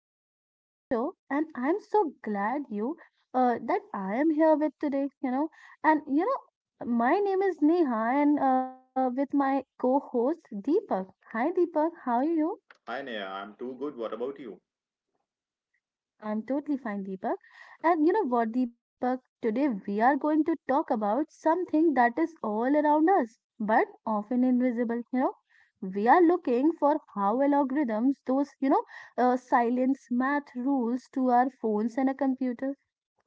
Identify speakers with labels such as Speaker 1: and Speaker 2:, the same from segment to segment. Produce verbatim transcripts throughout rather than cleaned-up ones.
Speaker 1: welcome to the show, and I'm so glad you uh, that I am here with today. You know, and you know, my name is Neha, and uh, with my co-host Deepak. Hi Deepak, how are you?
Speaker 2: Hi Neha, I'm too good. What about you?
Speaker 1: I'm totally fine, Deepak. And you know what, Deepak? Today we are going to talk about something that is all around us, but often invisible. You know, we are looking for how algorithms, those, you know, uh, silence math rules to our phones and a computer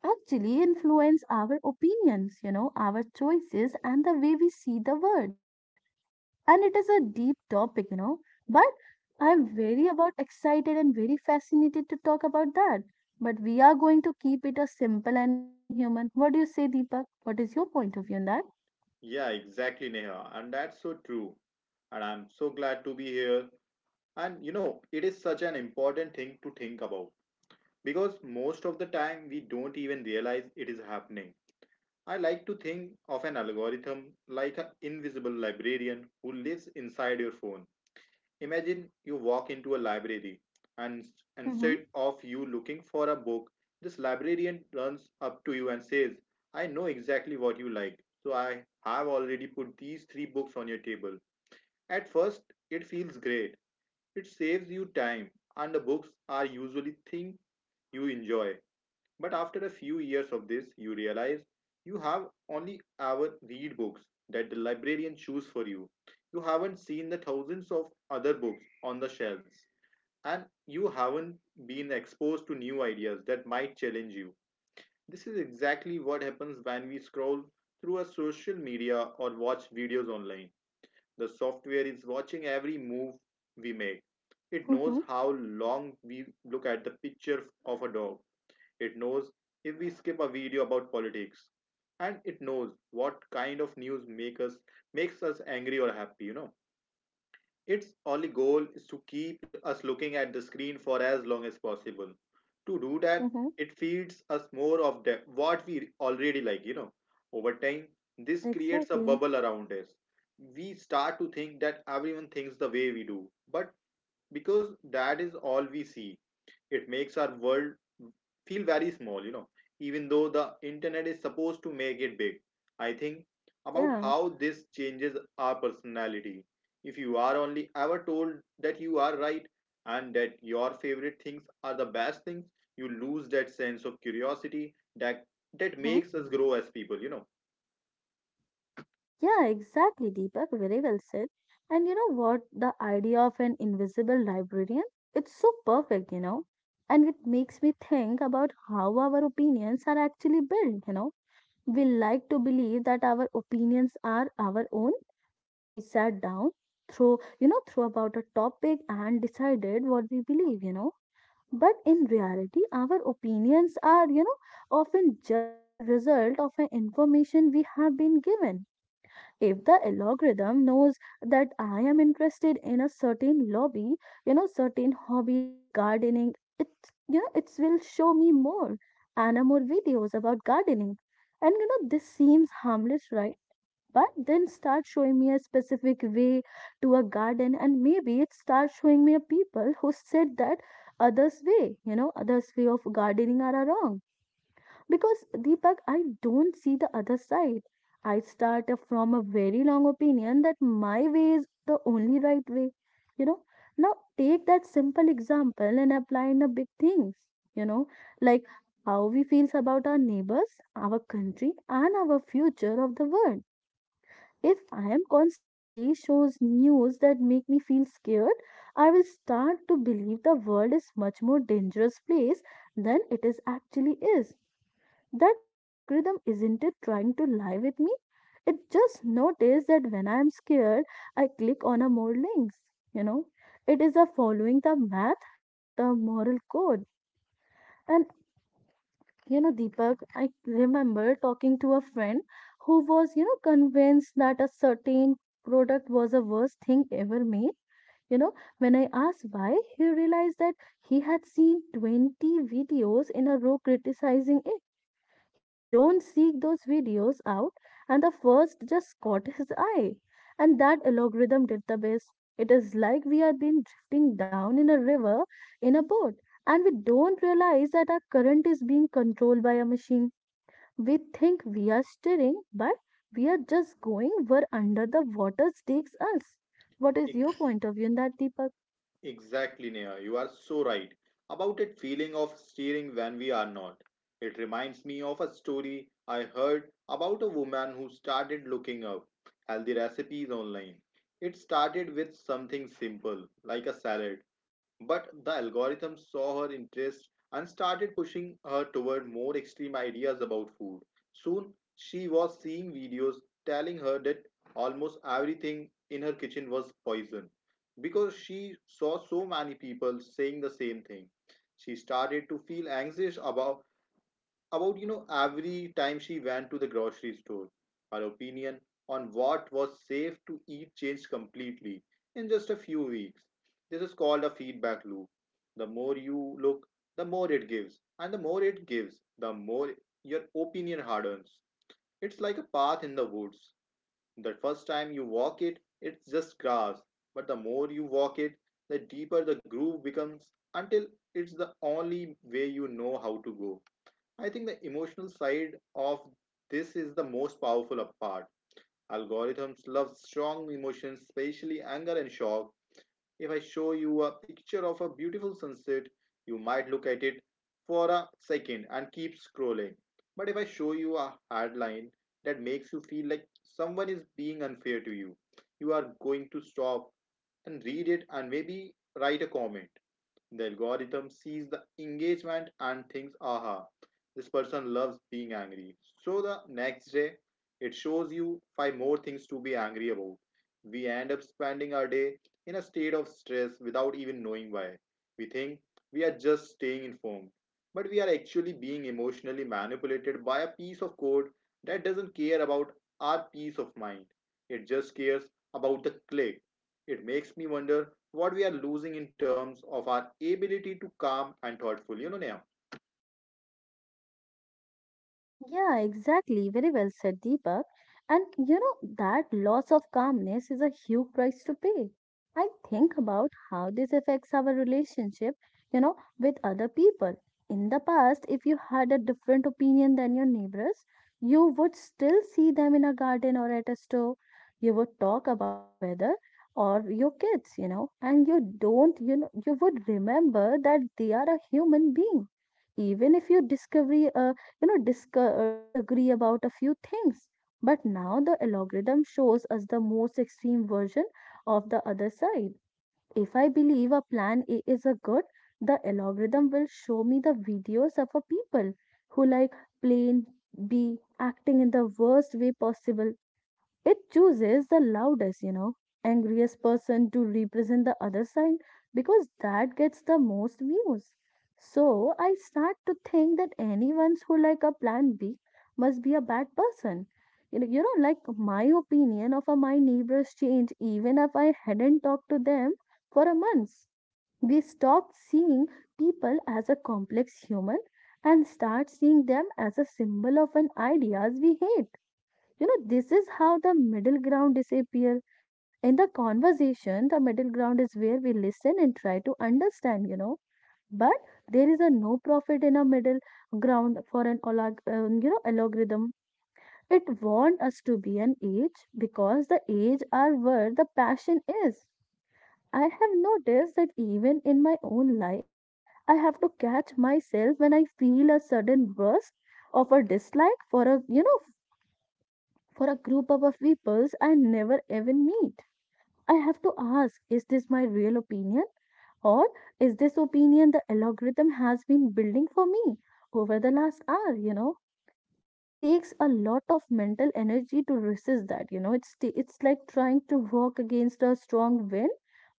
Speaker 1: actually influence our opinions, you know, our choices and the way we see the world, and it is a deep topic, you know, but I am very about excited and very fascinated to talk about that. But we are going to keep it a simple and human. What do you say, Deepak? What is your point of view on that?
Speaker 2: Yeah, exactly, Neha. And that's so true. And I'm so glad to be here. And you know, it is such an important thing to think about because most of the time we don't even realize it is happening. I like to think of an algorithm like an invisible librarian who lives inside your phone. Imagine you walk into a library and s-
Speaker 1: Mm-hmm.
Speaker 2: instead of you looking for a book, this librarian runs up to you and says, I know exactly what you like, so I have already put these three books on your table. At first, it feels great. It saves you time, and the books are usually things you enjoy. But after a few years of this, you realize you have only ever read books that the librarian chooses for you. You haven't seen the thousands of other books on the shelves, and you haven't been exposed to new ideas that might challenge you. This is exactly what happens when we scroll through a social media or watch videos online. The software is watching every move we make. It knows
Speaker 1: Mm-hmm.
Speaker 2: how long we look at the picture of a dog, it knows if we skip a video about politics, and it knows what kind of news make us makes us angry or happy. You know, its only goal is to keep us looking at the screen for as long as possible. To do that,
Speaker 1: Mm-hmm.
Speaker 2: it feeds us more of the what we already like. You know, over time, this creates a
Speaker 1: Exactly.
Speaker 2: bubble around us. We start to think that everyone thinks the way we do, but because that is all we see, it makes our world feel very small, you know, even though the internet is supposed to make it big. I think about
Speaker 1: Yeah.
Speaker 2: how this changes our personality. If you are only ever told that you are right and that your favorite things are the best things, you lose that sense of curiosity that that
Speaker 1: Mm-hmm.
Speaker 2: makes us grow as people, you know.
Speaker 1: Yeah, exactly, Deepak. Very well said. And you know what? The idea of an invisible librarian, it's so perfect, you know. And it makes me think about how our opinions are actually built, you know We like to believe that our opinions are our own, that we sat down, through you know, through about a topic and decided what we believe, you know. But in reality, our opinions are, you know, often just the result of an information we have been given. If the algorithm knows that I am interested in a certain lobby, you know certain hobby like gardening, it you know it will show me more and uh, more videos about gardening. And you know this seems harmless, right? But then start showing me a specific way to a garden, and maybe it starts showing me a people who said that others way you know others way of gardening are wrong. Because Deepak, I don't see the other side. I start from a very long opinion that my way is the only right way. You know, Now take that simple example and apply in the big things. You know, like how we feels about our neighbors, our country, and our future of the world. If I am constantly shows news that make me feel scared, I will start to believe the world is much more dangerous place than it is actually is. That algorithm isn't it trying to lie with me? It just noticed that when I'm scared, I click on a more links. You know, it is a following the math, not a moral code. And you know, Deepak, I remember talking to a friend who was, you know, convinced that a certain product was the worst thing ever made. You know, when I asked why, he realized that he had seen twenty videos in a row criticizing it. He don't seek those videos out, and the first just caught his eye. And that algorithm did the best. It is like we are been drifting down in a river in a boat, and we don't realize that our current is being controlled by a machine. We think we are steering, but we are just going where under the water takes us. What is your point of view in that, Deepak?
Speaker 2: Exactly, Neha. You are so right about that feeling of steering when we are not. It reminds me of a story I heard about a woman who started looking up healthy recipes online. It started with something simple, like a salad, but the algorithm saw her interest and started pushing her toward more extreme ideas about food. Soon, she was seeing videos telling her that almost everything in her kitchen was poison. Because she saw so many people saying the same thing, she started to feel anxious about about you know every time she went to the grocery store. Her opinion on what was safe to eat changed completely in just a few weeks. This is called a feedback loop. The more you look, the more it gives, and the more it gives, the more your opinion hardens. It's like a path in the woods. The first time you walk it, it's just grass, but the more you walk it, the deeper the groove becomes until it's the only way you know how to go. I think the emotional side of this is the most powerful part. Algorithms love strong emotions, especially anger and shock. If I show you a picture of a beautiful sunset, you might look at it for a second and keep scrolling. But if I show you a headline that makes you feel like someone is being unfair to you, you are going to stop and read it and maybe write a comment. The algorithm sees the engagement and thinks, aha, this person loves being angry. So the next day, it shows you five more things to be angry about. We end up spending our day in a state of stress without even knowing why. We think we are just staying informed, but we are actually being emotionally manipulated by a piece of code that doesn't care about our peace of mind. It just cares about the click. It makes me wonder what we are losing in terms of our ability to calm and thoughtful. You know, Neha.
Speaker 1: Yeah, exactly. Very well said, Deepak. And you know, that loss of calmness is a huge price to pay. I think about how this affects our relationship, you know, with other people. In the past, if you had a different opinion than your neighbors, you would still see them in a garden or at a store. You would talk about the weather or your kids, you know, and you don't, you know, you would remember that they are a human being. Even if you disagree, you know disc- uh, disagree about a few things. But now the algorithm shows us the most extreme version of the other side. If I believe a plan A is a good, the algorithm will show me the videos of a people who like plan B acting in the worst way possible. It chooses the loudest, you know, angriest person to represent the other side, because that gets the most views. So I start to think that anyone who like a plan B must be a bad person. You know, you know, like my opinion of uh, my neighbors change even if I hadn't talked to them for a month. We stopped seeing people as a complex human and start seeing them as a symbol of an ideas we hate. You know, this is how the middle ground disappears. In the conversation, the middle ground is where we listen and try to understand, you know. But there is a no profit in a middle ground for an olag- um, you know algorithm. It wants us to be an age because the age are where the passion is. I have noticed that even in my own life, I have to catch myself when I feel a sudden burst of a dislike for a you know for a group of peoples I never even meet. I have to ask, is this my real opinion? Or is this opinion the algorithm has been building for me over the last hour? You know, it takes a lot of mental energy to resist that. You know, it's t- it's like trying to walk against a strong wind.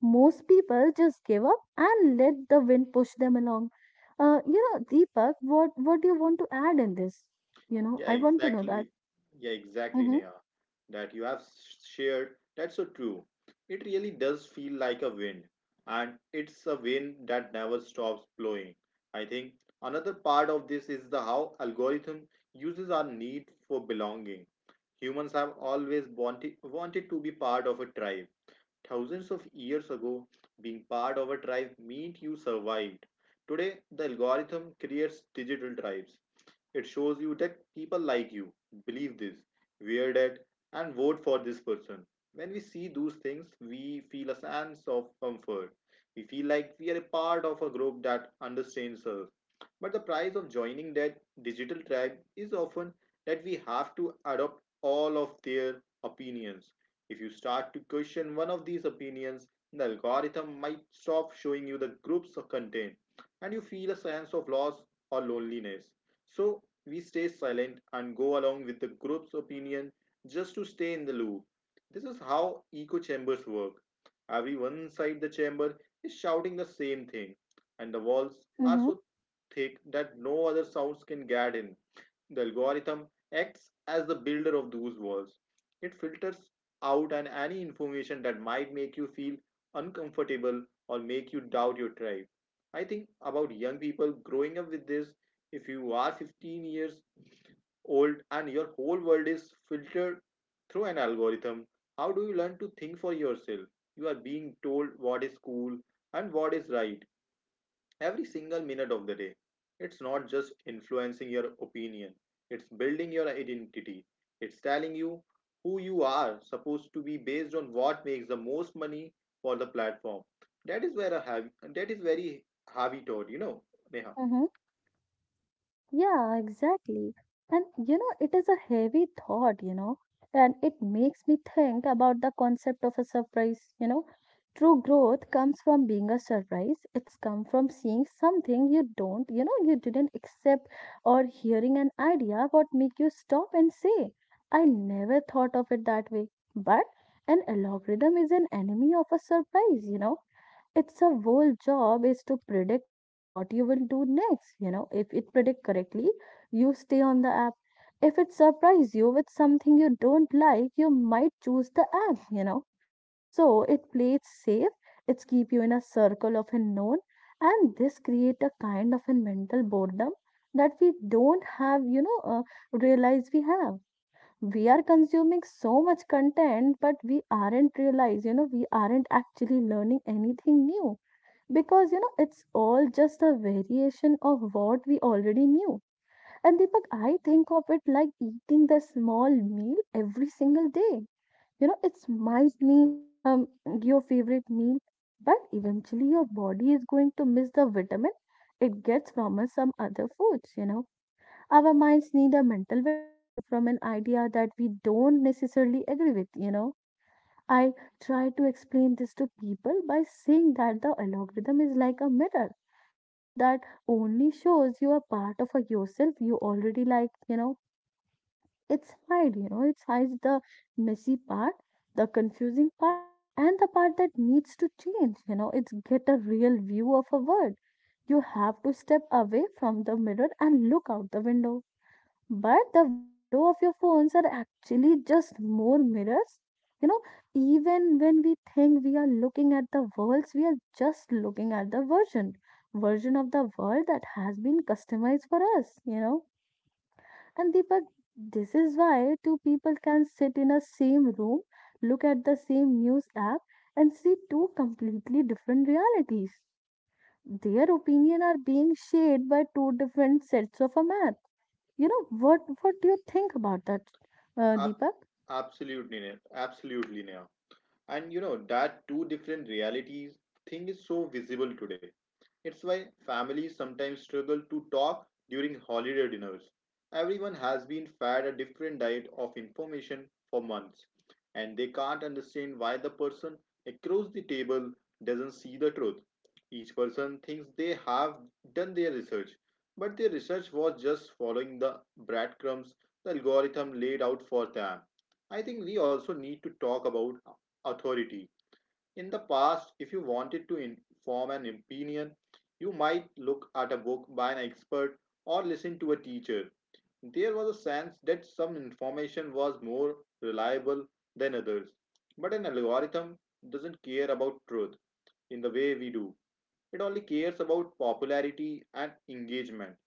Speaker 1: Most people just give up and let the wind push them along. Uh, you know, Deepak, what what do you want to add in this? You know,
Speaker 2: Yeah,
Speaker 1: I want to know that.
Speaker 2: exactly. Yeah, exactly,
Speaker 1: Mm-hmm,
Speaker 2: Neha. That you have shared. That's so true. It really does feel like a wind, and it's a wind that never stops blowing. I think another part of this is the how algorithm uses our need for belonging. Humans have always wanted wanted to be part of a tribe. Thousands of years ago, being part of a tribe meant you survived. Today, the algorithm creates digital tribes. It shows you that people like you believe this, wear that, and vote for this person. When we see those things, we feel a sense of comfort. We feel like we are a part of a group that understands us. But the price of joining that digital tribe is often that we have to adopt all of their opinions. If you start to question one of these opinions, the algorithm might stop showing you the group's content, and you feel a sense of loss or loneliness. So we stay silent and go along with the group's opinion just to stay in the loop. This is how echo chambers work. Every one side the chamber is shouting the same thing, and the walls are
Speaker 1: mm-hmm,
Speaker 2: so thick that no other sounds can get in. The algorithm acts as the builder of those walls. It filters out and any information that might make you feel uncomfortable or make you doubt your tribe. I think about young people growing up with this. If you are fifteen years old and your whole world is filtered through an algorithm, how do you learn to think for yourself? You are being told what is cool and what is right every single minute of the day. It's not just influencing your opinion, it's building your identity. It's telling you who you are supposed to be based on what makes the most money for the platform. That is where a heavy, that is very heavy thought, you know, Neha.
Speaker 1: mm-hmm. Yeah, exactly. And you know, it is a heavy thought, you know, and it makes me think about the concept of a surprise. You know, true growth comes from being a surprise. It's come from seeing something you don't, you know, you didn't accept, or hearing an idea what make you stop and say, I never thought of it that way. But an algorithm is an enemy of a surprise, you know It's a whole job is to predict what you will do next you know If it predict correctly, you stay on the app. If it surprise you with something you don't like, you might choose the app you know So it plays safe. It's keep you in a circle of unknown, and this create a kind of a mental boredom that we don't have, you know uh, realize we have. We are consuming so much content, but we aren't realize, you know we aren't actually learning anything new, because you know it's all just a variation of what we already knew. And Deepak, I think of it like eating the small meal every single day. you know it's might be um your favorite meal, but eventually your body is going to miss the vitamin it gets from us some other foods you know Our minds need a mental vitamin from an idea that we don't necessarily agree with you know I try to explain this to people by saying that the algorithm is like a mirror, you know, that only shows you a part of a yourself you already like, you know, it's hide, you know, it's hides the messy part, the confusing part, and the part that needs to change, you know, it's get a real view of a world. You have to step away from the mirror and look out the window, but the window of your phones are actually just more mirrors you know Even when we think we are looking at the worlds, we are just looking at the version version of the world that has been customized for us you know And Deepak, this is why two people can sit in a same room, look at the same news app, and see two completely different realities. Their opinion are being shaped by two different sets of a man. You know what? What do you think about that, uh, Deepak?
Speaker 2: Absolutely, Neha. Absolutely, Neha. And you know that two different realities thing is so visible today. It's why families sometimes struggle to talk during holiday dinners. Everyone has been fed a different diet of information for months, and they can't understand why the person across the table doesn't see the truth. Each person thinks they have done their research, but their research was just following the breadcrumbs the algorithm laid out for them. I think we also need to talk about authority. In the past, if you wanted to in- form an opinion, you might look at a book by an expert or listen to a teacher. There was a sense that some information was more reliable than others. But an algorithm doesn't care about truth in the way we do, it only cares about popularity and engagement.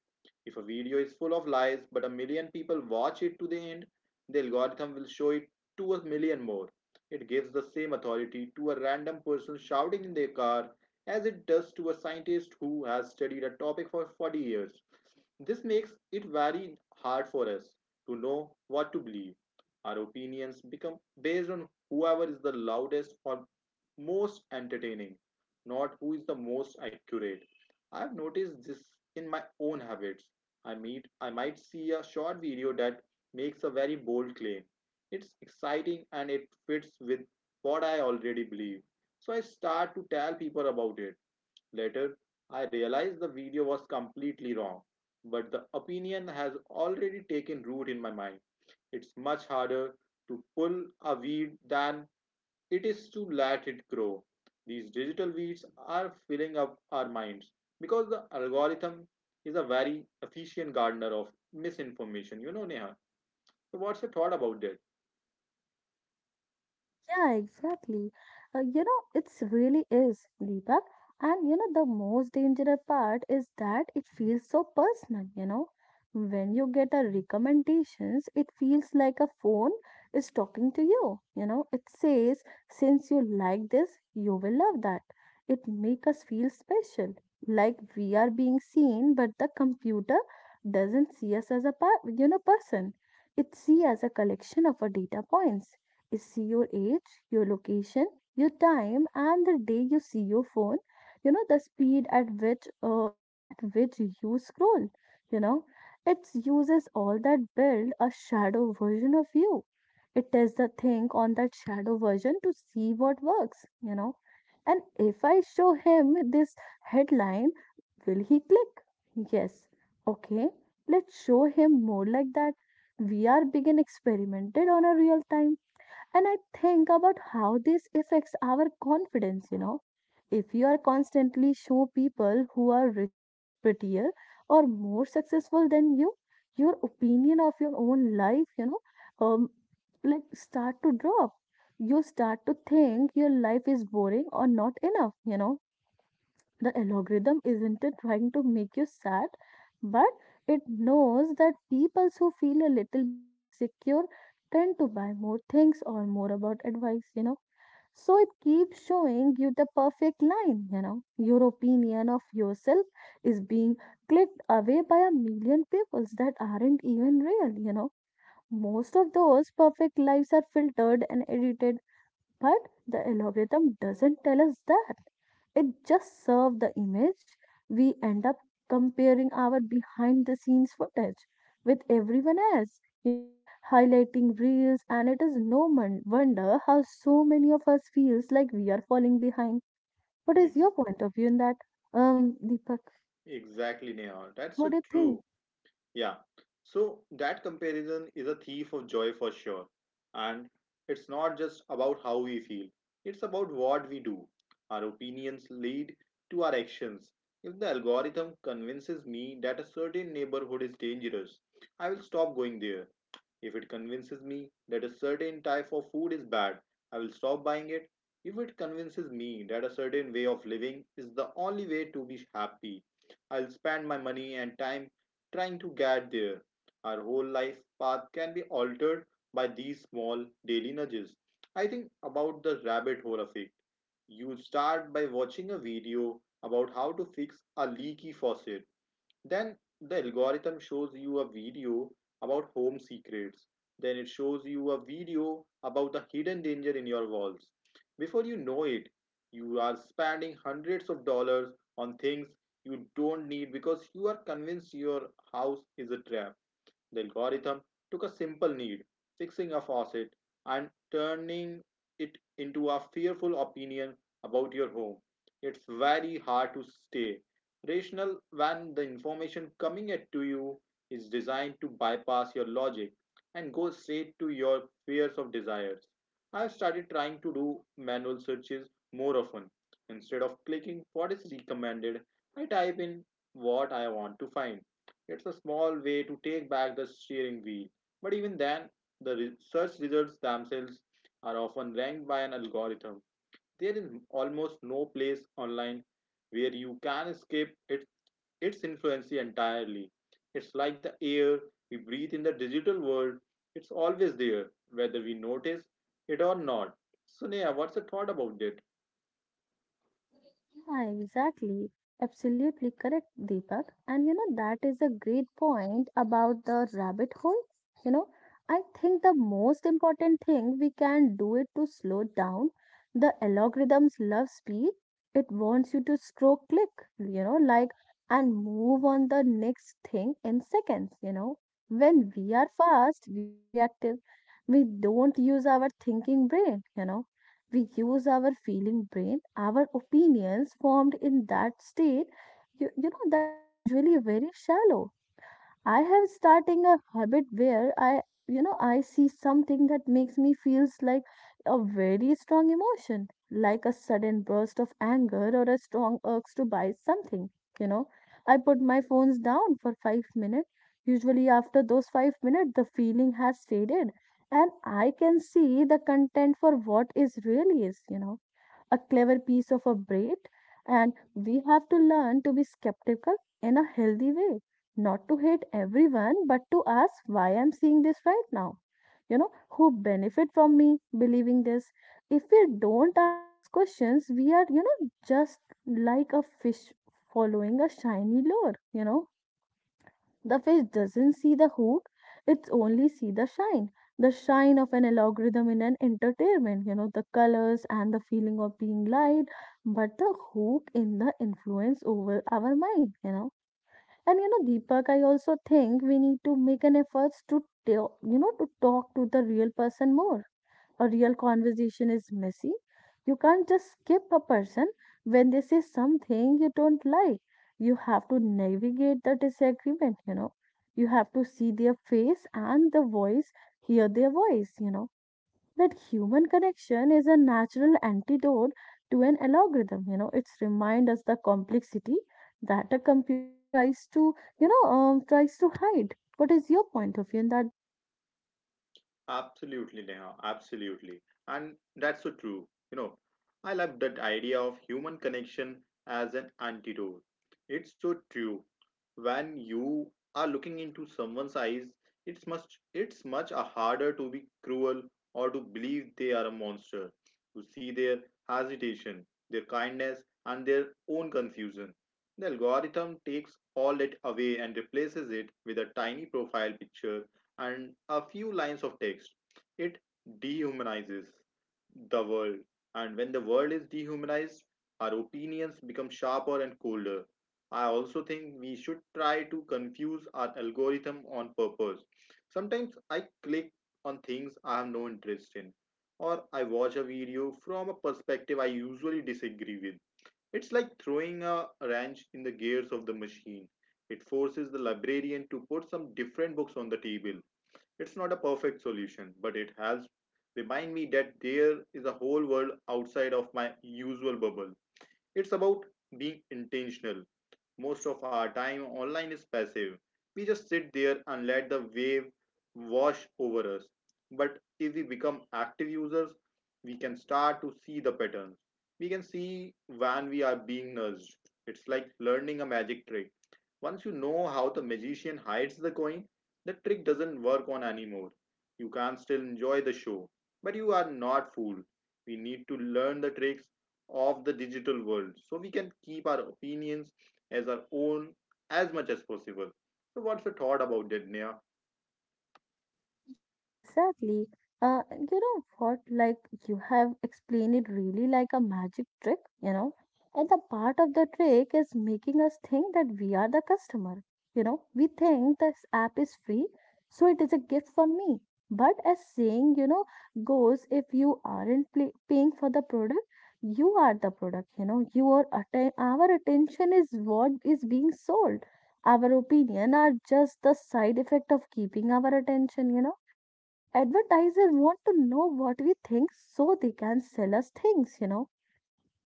Speaker 2: If a video is full of lies but a million people watch it to the end, the algorithm will show it to a million more. It gives the same authority to a random person shouting in their car as it does to a scientist who has studied a topic for forty years. This makes it very hard for us to know what to believe. Our opinions become based on whoever is the loudest or most entertaining, not who is the most accurate. I've noticed this in my own habits. I meet I might see a short video that makes a very bold claim. It's exciting and it fits with what I already believe. So I start to tell people about it. Later, I realized the video was completely wrong, but the opinion has already taken root in my mind. It's much harder to pull a weed than it is to let it grow. These digital weeds are filling up our minds because the algorithm is a very efficient gardener of misinformation. You know, Neha. So, what's your thought about that?
Speaker 1: Yeah, exactly. Uh, you know, it's really is, Deepak. And you know, the most dangerous part is that it feels so personal, you know. When you get a recommendations, it feels like a phone is talking to you. You know, it says, since you like this, you will love that. It make us feel special, like we are being seen, but the computer doesn't see us as a part, you know, person. It see as a collection of our data points, is your age, your location, your time, and the day you see your phone. You know, the speed at which uh, at which you scroll. You know, it uses all that build a shadow version of you. It tests the thing on that shadow version to see what works. You know, and if I show him this headline, will he click? Yes. Okay. Let's show him more like that. We are being experimented on a real time, and I think about how this affects our confidence, you know. If you are constantly show people who are richer, prettier, or more successful than you, your opinion of your own life, you know, um, like start to drop. You start to think your life is boring or not enough, you know The algorithm isn't it trying to make you sad, but it knows that people who feel a little bit insecure tend to buy more things or more about advice, you know so it keeps showing you the perfect line, you know your opinion of yourself is being clicked away by a million peoples that aren't even real you know Most of those perfect lives are filtered and edited, but the algorithm doesn't tell us that. It just serves the image. We end up comparing our behind the scenes footage with everyone else, you know, highlighting reels, and it is no mon- wonder how so many of us feels like we are falling behind. What is
Speaker 2: Ex-
Speaker 1: your point of view in that, um, Deepak?
Speaker 2: exactly, Neha. That's
Speaker 1: What
Speaker 2: so
Speaker 1: do you think?
Speaker 2: true. Yeah. So that comparison is a thief of joy for sure. And it's not just about how we feel, it's about what we do. Our opinions lead to our actions. If the algorithm convinces me that a certain neighborhood is dangerous, I will stop going there. If it convinces me that a certain type of food is bad, I will stop buying it. If it convinces me that a certain way of living is the only way to be happy, I'll spend my money and time trying to get there. Our whole life path can be altered by these small daily nudges. I think about the rabbit hole effect. You start by watching a video about how to fix a leaky faucet, then the algorithm shows you a video about home secrets, then it shows you a video about the hidden danger in your walls. Before you know it, you are spending hundreds of dollars on things you don't need because you are convinced your house is a trap. The algorithm took a simple need, fixing a faucet, and turning it into a fearful opinion about your home. It's very hard to stay rational when the information coming at to you is designed to bypass your logic and go straight to your fears of desires. I've started trying to do manual searches more often. Instead of clicking what is recommended, I type in what I want to find. It's a small way to take back the steering wheel. But even then, the search results themselves are often ranked by an algorithm. There is almost no place online where you can escape it, its influence entirely. It's like the air we breathe in the digital world. It's always there, whether we notice it or not. So, Neha, what's your thought about it?
Speaker 1: Yeah, exactly. Absolutely correct, Deepak. And you know, that is a great point about the rabbit hole. You know, I think the most important thing we can do it to slow down. The algorithms love speed. It wants you to scroll, click, you know, like, and move on the next thing in seconds, you know. When we are fast, we are reactive. We don't use our thinking brain, you know We use our feeling brain, our opinions formed in that state, you, you know, that are usually very shallow. I have starting a habit where I, you know, I see something that makes me feels like a very strong emotion, like a sudden burst of anger or a strong urge to buy something. You know, I put my phones down for five minutes. Usually, after those five minutes, the feeling has faded, and I can see the content for what is really is. You know A clever piece of a braid, and we have to learn to be skeptical in a healthy way, not to hate everyone, but to ask why I'm seeing this right now. You know, who benefit from me believing this? If we don't ask those questions, we are, you know, just like a fish following a shiny lure, you know The fish doesn't see the hook, it's only see the shine. The shine of an algorithm in an entertainment, you know, the colors and the feeling of being light, but the hook in the influence over our mind, you know. And you know, Deepak, I also think we need to make an effort to tell, you know, to talk to the real person more. A real conversation is messy. You can't just skip a person when they say something you don't like. You have to navigate the disagreement, you know. You have to see their face and the voice, hear their voice, you know. That human connection is a natural antidote to an algorithm, you know. It's remind us the complexity that a computer tries to, you know, um, tries to hide. What is your point of view in that?
Speaker 2: Absolutely, Neha. Absolutely. And that's so true. You know, I love that idea of human connection as an antidote. It's so true. When you are looking into someone's eyes, it's much it's much uh, harder to be cruel or to believe they are a monster. To see their hesitation, their kindness, and their own confusion. The algorithm takes all that away and replaces it with a tiny profile picture and a few lines of text. It dehumanizes the world, and when the world is dehumanized, our opinions become sharper and colder. I also think we should try to confuse our algorithm on purpose. Sometimes I click on things I have no interest in, or I watch a video from a perspective I usually disagree with. It's like throwing a wrench in the gears of the machine. It forces the librarian to put some different books on the table. It's not a perfect solution, but it has remind me that there is a whole world outside of my usual bubble. It's about being intentional. Most of our time online is passive. We just sit there and let the wave wash over us. But if we become active users, we can start to see the patterns. We can see when we are being nudged. It's like learning a magic trick. Once you know how the magician hides the coin, the trick doesn't work on anymore. You can still enjoy the show, but you are not fooled. We need to learn the tricks of the digital world so we can keep our opinions as our own as much as possible. So, what's your thought about that, Neha?
Speaker 1: Yeah, exactly. Uh, you know what? Like, you have explained it really like a magic trick, you know. And the part of the trick is making us think that we are the customer. You know, we think this app is free, so it is a gift from me. But as saying, you know, goes, if you aren't pay paying for the product, you are the product. You know, your atten our attention is what is being sold. Our opinion are just the side effect of keeping our attention. You know Advertisers want to know what we think so they can sell us things, you know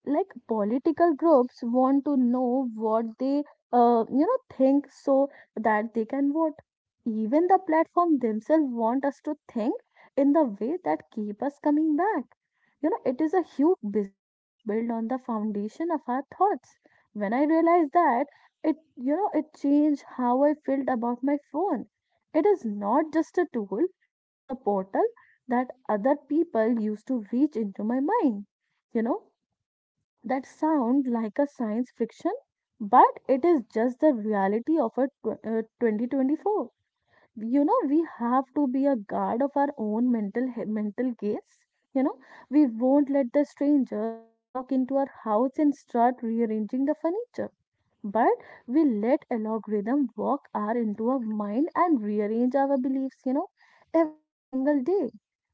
Speaker 1: like political groups want to know what they uh, you know think so that they can vote. Even the platform themselves want us to think in the way that keep us coming back, you know it is a huge business built on the foundation of our thoughts. When I realized that, it you know it changed how I felt about my phone. It is not just a tool, it is a portal that other people use to reach into my mind, you know that sound like a science fiction, but it is just the reality of a tw- uh, twenty twenty-four. You know, we have to be a guard of our own mental he- mental gates. You know, we won't let the strangers walk into our house and start rearranging the furniture, but we let algorithm walk our into our mind and rearrange our beliefs. You know, every single day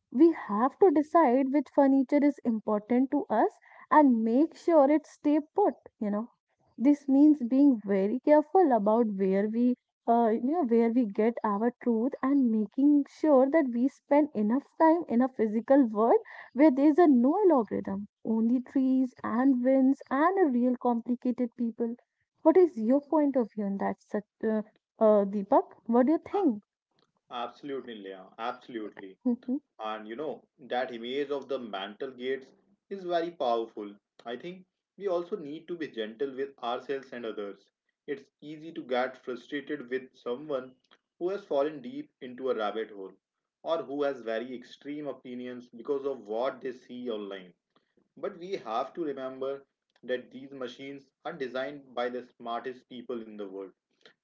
Speaker 1: we have to decide which furniture is important to us and make sure it stay put you know This means being very careful about where we uh, you know where we get our truth and making sure that we spend enough time in a physical world where there is a no logarithm, only trees and winds and a real complicated people. What is your point of view on that Sat- uh, uh, Deepak? What do you
Speaker 2: A-
Speaker 1: think?
Speaker 2: Absolutely, Leah. Absolutely. And you know, that image of the mantle gates is very powerful. I think we also need to be gentle with ourselves and others. It's easy to get frustrated with someone who has fallen deep into a rabbit hole or who has very extreme opinions because of what they see online. But we have to remember that these machines are designed by the smartest people in the world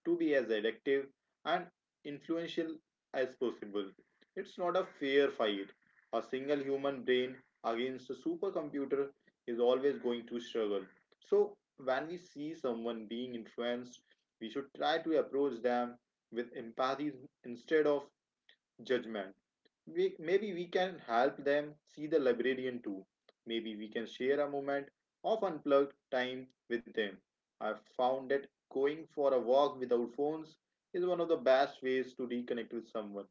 Speaker 2: to be as addictive and influential as possible. It's not a fair fight. A single human brain against a supercomputer is always going to struggle. So, when we see someone being influenced, we should try to approach them with empathy instead of judgment. We, maybe we can help them see the librarian too. Maybe we can share a moment of unplugged time with them. I found that going for a walk without phones is one of the best ways to reconnect with someone.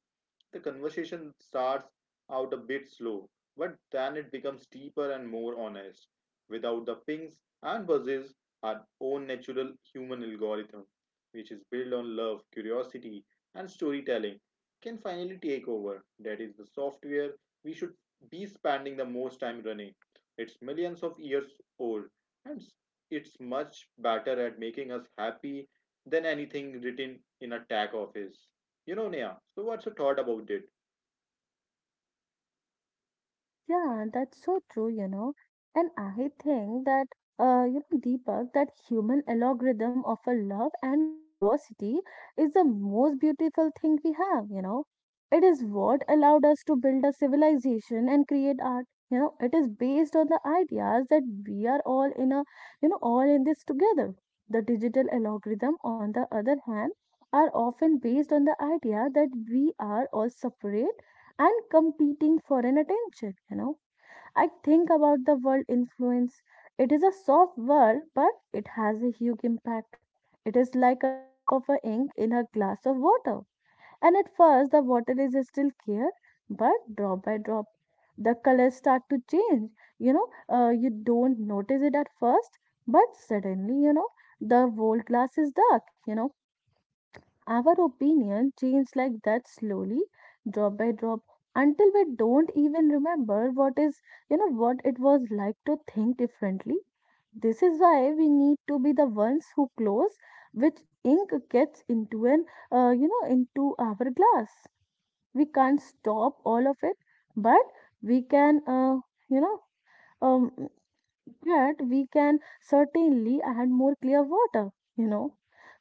Speaker 2: The conversation starts out a bit slow, but then it becomes deeper and more honest. Without the pings and buzzes, our own natural human algorithm, which is built on love, curiosity, and storytelling, can finally take over. That is the software we should be spending the most time running. It's millions of years old, and it's much better at making us happy than anything written in a tag office. You know, Neha, so what's your thought about it?
Speaker 1: Yeah, that's so true, you know. And I think that, uh, you know, Deepak, that human algorithm of a love and curiosity is the most beautiful thing we have, you know. It is what allowed us to build a civilization and create art. You know, it is based on the ideas that we are all in a, you know, all in this together. The digital algorithm, on the other hand, are often based on the idea that we are all separate and competing for an attention, you know I think about the world influence. It is a soft word, but it has a huge impact. It is like a drop of a ink in a glass of water. And at first, the water is still clear, but drop by drop, the colors start to change. You know, uh, you don't notice it at first, but suddenly, you know, the whole glass is dark. You know, our opinion changes like that slowly, drop by drop, until we don't even remember what is, you know, what it was like to think differently. This is why we need to be the ones who close which ink gets into an, uh, you know, into our glass. We can't stop all of it, but we can, uh, you know, um, that we can certainly add more clear water, you know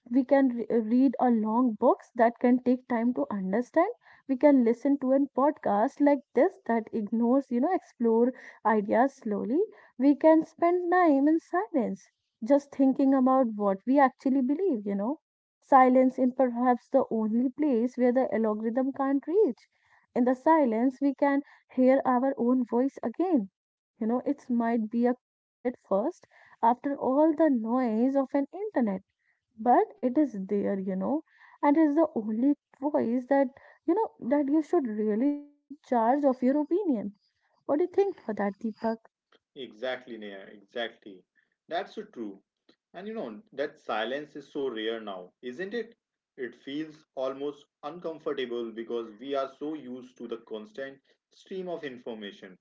Speaker 1: we can re- uh, read a long books that can take time to understand. We can listen to a podcast like this that ignores, you know explore ideas slowly. We can spend time in silence, just thinking about what we actually believe, you know silence in perhaps the only place where the algorithm can't reach. In the silence we can hear our own voice again, you know it might be a quiet at first, after all the noise of an internet, but it is there, you know and it's the only voice that, you know that you should really to be charged of your opinion. What do you think for that, Deepak?
Speaker 2: Exactly, Neha, exactly. That's so true. And you know, that silence is so rare now, isn't it? It feels almost uncomfortable because we are so used to the constant stream of information.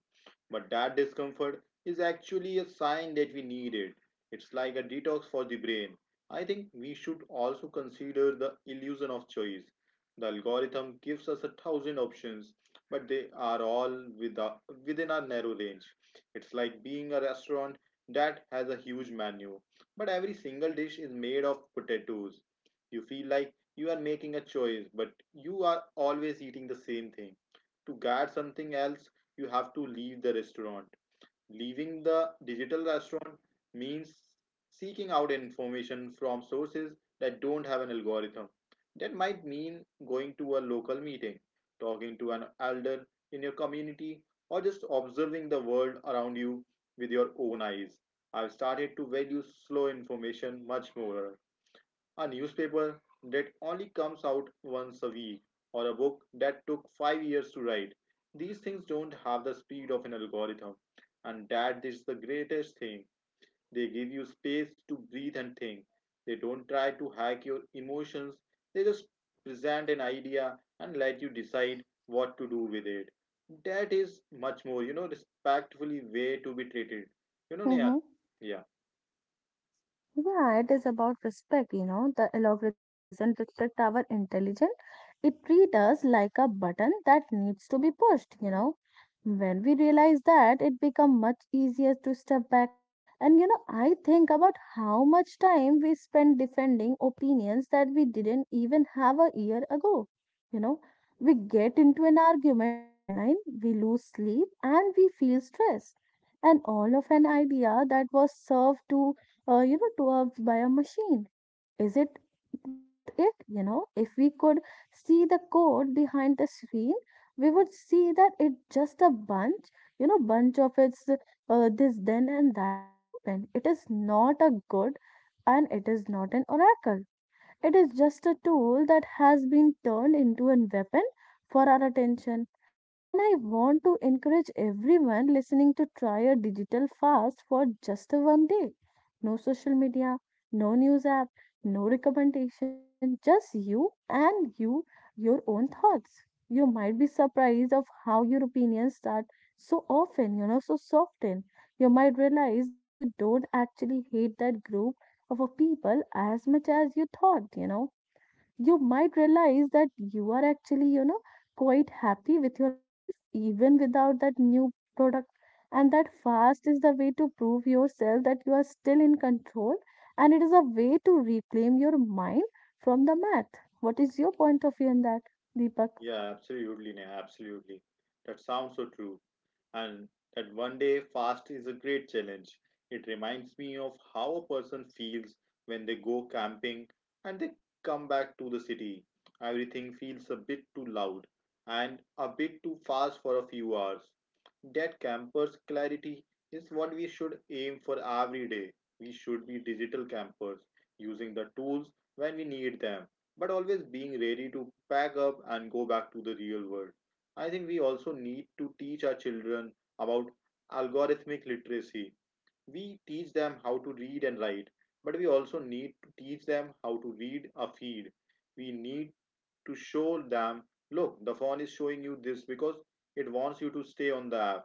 Speaker 2: But that discomfort is actually a sign that we need it. It's like a detox for the brain. I think we should also consider the illusion of choice. The algorithm gives us a thousand options, but they are all with a- within a narrow range. It's like being a restaurant that has a huge menu, but every single dish is made of potatoes. You feel like you are making a choice, but you are always eating the same thing. To get something else, you have to leave the restaurant. Leaving the digital restaurant means seeking out information from sources that don't have an algorithm. That might mean going to a local meeting, talking to an elder in your community, or just observing the world around you with your own eyes. I've started to value slow information much more, a newspaper that only comes out once a week, or a book that took five years to write. These things don't have the speed of an algorithm, and that is the greatest thing. They give you space to breathe and think. They don't try to hack your emotions, they just present an idea and let you decide what to do with it. That is much more, you know, respectfully way to be treated. You know,
Speaker 1: Mm-hmm.
Speaker 2: Neha? Yeah,
Speaker 1: Yeah, it is about respect, you know. The algorithm doesn't respect our intelligence. It treats us like a button that needs to be pushed, you know. When we realize that, it becomes much easier to step back. And, you know, I think about how much time we spend defending opinions that we didn't even have a year ago. You know, we get into an argument online, we lose sleep, and we feel stressed, and all of an idea that was served to, uh, you know, to us by a machine. Is it worth it? You know, if we could see the code behind the screen, we would see that it's just a bunch, you know, bunch of its uh, this, then, and that statement. It is not a good and it is not an oracle. It is just a tool that has been turned into a weapon for our attention. And I want to encourage everyone listening to try a digital fast for just one day. No social media, no news app, no recommendation, just you and you, your own thoughts. You might be surprised of how your opinions start so often, you know, so soften. You might realize that you don't actually hate that group of a people as much as you thought, you know you might realize that you are actually, you know, quite happy with your life even without that new product. And that fast is the way to prove yourself that you are still in control, and it is a way to reclaim your mind from the math. What is your point of view on that, Deepak?
Speaker 2: yeah, absolutely, Neha, absolutely. That sounds so true. And that one day fast is a great challenge. It reminds me of how a person feels when they go camping and they come back to the city. Everything feels a bit too loud and a bit too fast for a few hours. That campus clarity is what we should aim for every day. We should be digital campers, using the tools when we need them, but always being ready to pack up and go back to the real world. I think we also need to teach our children about algorithmic literacy. We teach them how to read and write, but we also need to teach them how to read a feed. We need to show them, look, the phone is showing you this because it wants you to stay on the app.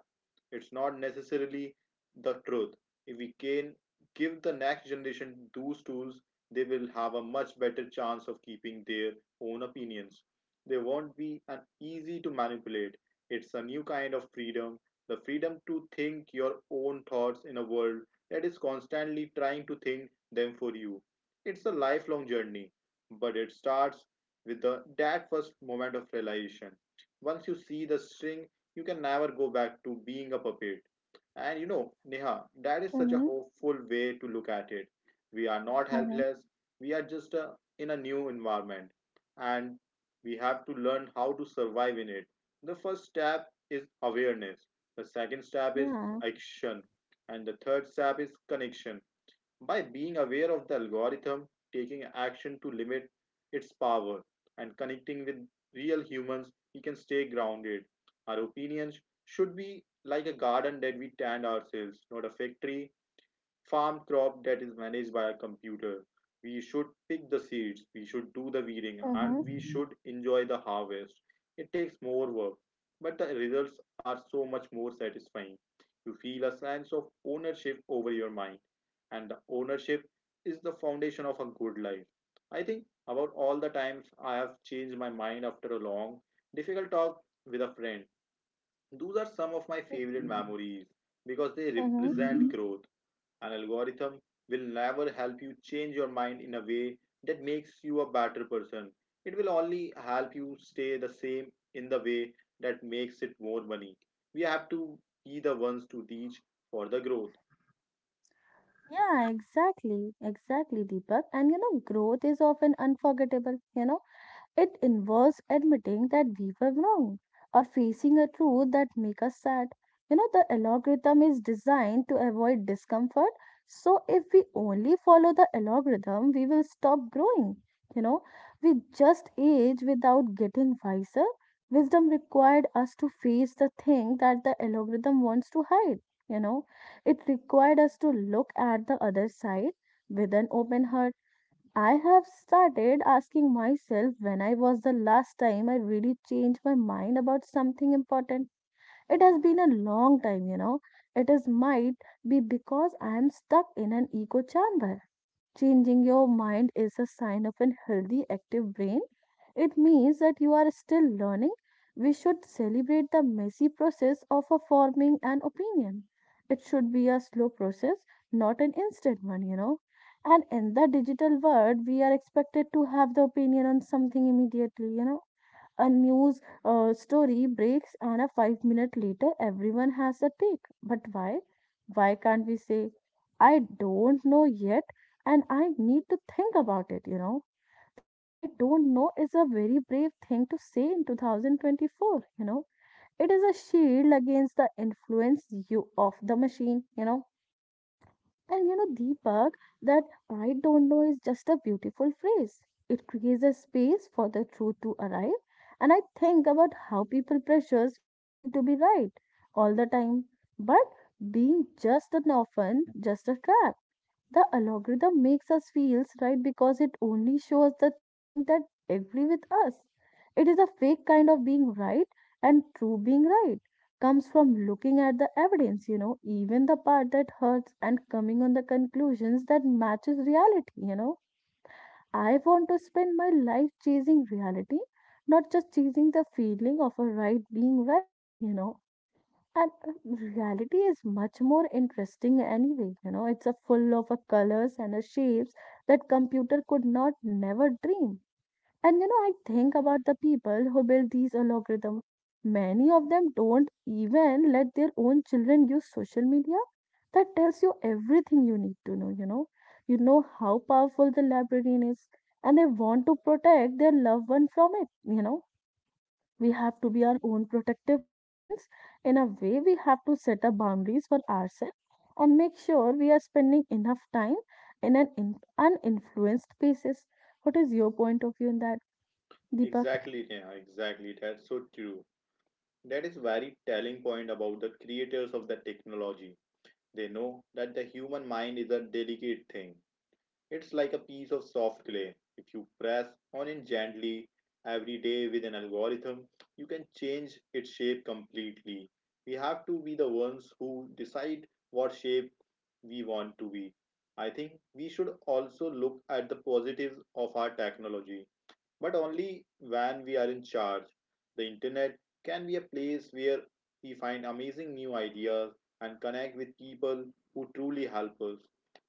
Speaker 2: It's not necessarily the truth. If we can give the next generation those tools, they will have a much better chance of keeping their own opinions. They won't be an easy to manipulate. It's a new kind of freedom, the freedom to think your own thoughts in a world that is constantly trying to think them for you. It's a lifelong journey, but it starts with the that first moment of realization. Once you see the string, you can never go back to being a puppet. And you know, Neha, that is such a
Speaker 1: Mm-hmm.
Speaker 2: hopeful way to look at it. We are not
Speaker 1: Mm-hmm.
Speaker 2: helpless, we are just uh, in a new environment, and we have to learn how to survive in it. The first step is awareness, the second step is
Speaker 1: Yeah.
Speaker 2: action, and the third step is connection. By being aware of the algorithm, taking action to limit its power, and connecting with real humans, we can stay grounded. Our opinions should be like a garden that we tend ourselves, not a factory farm crop that is managed by a computer. We should pick the seeds, we should do the weeding,
Speaker 1: Mm-hmm.
Speaker 2: and we should enjoy the harvest. It takes more work, but the results are so much more satisfying. You feel a sense of ownership over your mind, and the ownership is the foundation of a good life. I think about all the times I have changed my mind after a long, difficult talk with a friend. Those are some of my favorite memories because they
Speaker 1: Mm-hmm.
Speaker 2: represent growth. An algorithm will never help you change your mind in a way that makes you a better person. It will only help you stay the same in the way that makes it more money. We have to be the ones to reach for the growth.
Speaker 1: Yeah, exactly. Exactly, Deepak. And you know, growth is often unforgettable. You know, it involves admitting that we were wrong or facing a truth that makes us sad. You know, the algorithm is designed to avoid discomfort. So, if we only follow the algorithm, we will stop growing. You know, we just age without getting wiser. Wisdom required us to face the thing that the algorithm wants to hide. You know, it required us to look at the other side with an open heart. I have started asking myself when I was the last time I really changed my mind about something important. It has been a long time, you know. It is might be because I am stuck in an echo chamber. Changing your mind is a sign of a healthy, active brain. It means that you are still learning. We should celebrate the messy process of a forming an opinion. It should be a slow process, not an instant one, you know. And in the digital world, we are expected to have the opinion on something immediately, you know, a news uh, story breaks and a five minute later everyone has a take. But why why can't we say I don't know yet and I need to think about it you know That I don't know is a very brave thing to say in two thousand twenty-four, you know. It is a shield against the influence you of the machine, you know. And you know, Deepak, that I don't know is just a beautiful phrase. It creates a space for the truth to arrive. And I think about how people pressures we feel to be right all the time. But being just an orphan, just a trap. The algorithm makes us feel right because it only shows the thing that agree with us. It is a fake kind of being right, and true being right comes from looking at the evidence, you know, even the part that hurts, and coming on the conclusions that matches reality, you know. I want to spend my life chasing reality, not just chasing the feeling of a right being right, you know. And uh, reality is much more interesting anyway. You know, it's a full of a colors and a shapes that computer could not never dream. And you know, I think about the people who build these algorithms. Many of them don't even let their own children use social media. That tells you everything you need to know, you know. You know how powerful the librarian is, and they want to protect their loved one from it, you know. We have to be our own protective parents. In a way, we have to set up boundaries for ourselves and make sure we are spending enough time in an in- uninfluenced basis. What is your point of view in that, Deepak?
Speaker 2: Exactly, Neha, exactly. That's so true. That is very telling point about the creators of the technology. They know that the human mind is a delicate thing. It's like a piece of soft clay. If you press on it gently every day with an algorithm, you can change its shape completely. We have to be the ones who decide what shape we want to be. I think we should also look at the positives of our technology, but only when we are in charge. The internet can be a place where we find amazing new ideas and connect with people who truly help us.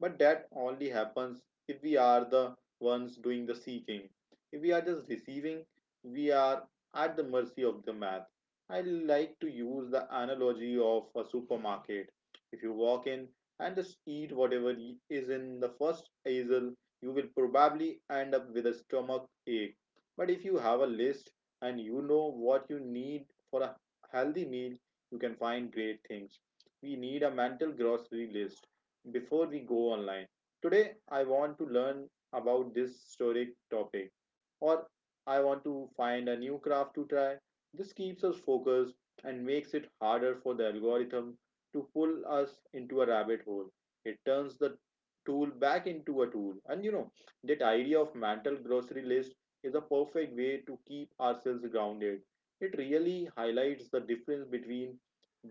Speaker 2: But that only happens if we are the ones doing the seeking. If we are just receiving, we are at the mercy of the math. I like to use the analogy of a supermarket. If you walk in and just eat whatever is in the first aisle, you will probably end up with a stomach ache but if you have a list and you know what you need for a healthy meal, you can find great things. We need a mental grocery list before we go online. Today, I want to learn about this historic topic, or I want to find a new craft to try. This keeps us focused and makes it harder for the algorithm to pull us into a rabbit hole. It turns the tool back into a tool. And you know, that idea of mental grocery list is a perfect way to keep ourselves grounded. It really highlights the difference between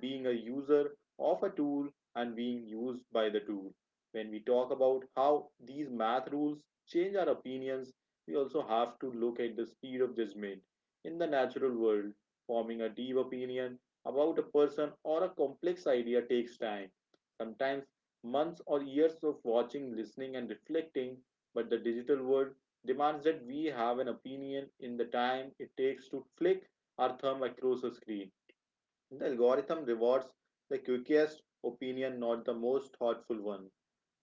Speaker 2: being a user of a tool and being used by the tool. When we talk about how these math rules change our opinions, we also have to look at the speed of judgment. In the natural world, forming a deep opinion about a person or a complex idea takes time, sometimes months or years of watching, listening, and reflecting. But the digital world demands that we have an opinion in the time it takes to flick our thumb across a screen. The algorithm rewards the quickest opinion, not the most thoughtful one.